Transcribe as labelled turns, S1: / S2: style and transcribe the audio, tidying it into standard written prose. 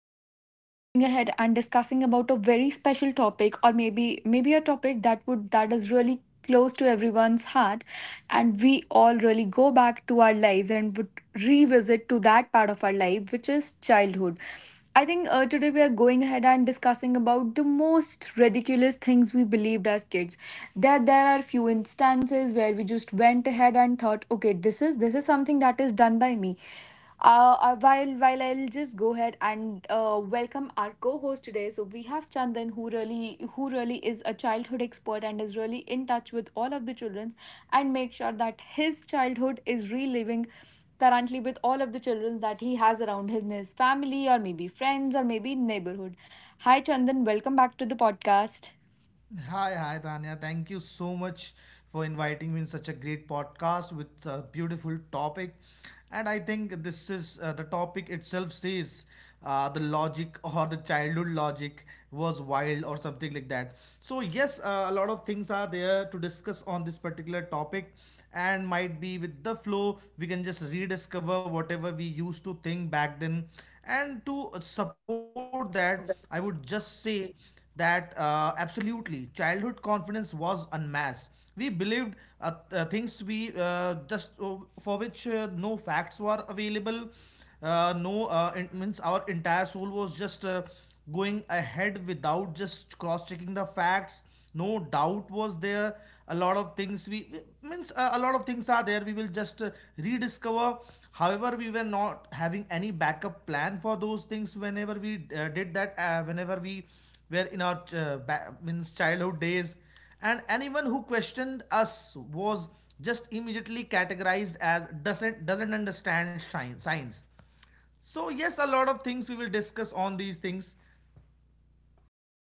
S1: today we are really going ahead and discussing about a very special topic, or maybe a topic that would that is really close to everyone's heart, and we all really go back to our lives and would revisit to that part of our life which is childhood. I think today we are going ahead and discussing about the most ridiculous things we believed as kids. There are few instances where we just went ahead and thought, okay, this is something that is done by me. While I'll just go ahead and welcome our co-host today. So we have Chandan, who really is a childhood expert and is really in touch with all of the children, and make sure that his childhood is reliving currently with all of the children that he has around him, his family or maybe friends or maybe neighborhood. Hi Chandan, welcome back to the podcast.
S2: Hi, Tanya. Thank you so much for inviting me in such a great podcast with a beautiful topic. And I think this is the topic itself says, the logic, or the childhood logic, was wild or something like that. So, yes, a lot of things are there to discuss on this particular topic, and might be with the flow, we can just rediscover whatever we used to think back then. And to support that, I would just say that, absolutely, childhood confidence was unmasked. We believed things we just, for which no facts were available. No, it means our entire soul was just going ahead without just cross checking the facts. No doubt was there. A lot of things we means, a lot of things are there we will just rediscover. However, we were not having any backup plan for those things whenever we did that, whenever we were in our means childhood days. And anyone who questioned us was just immediately categorized as doesn't understand science. So yes, a lot of things we will discuss on these things.
S1: Yeah,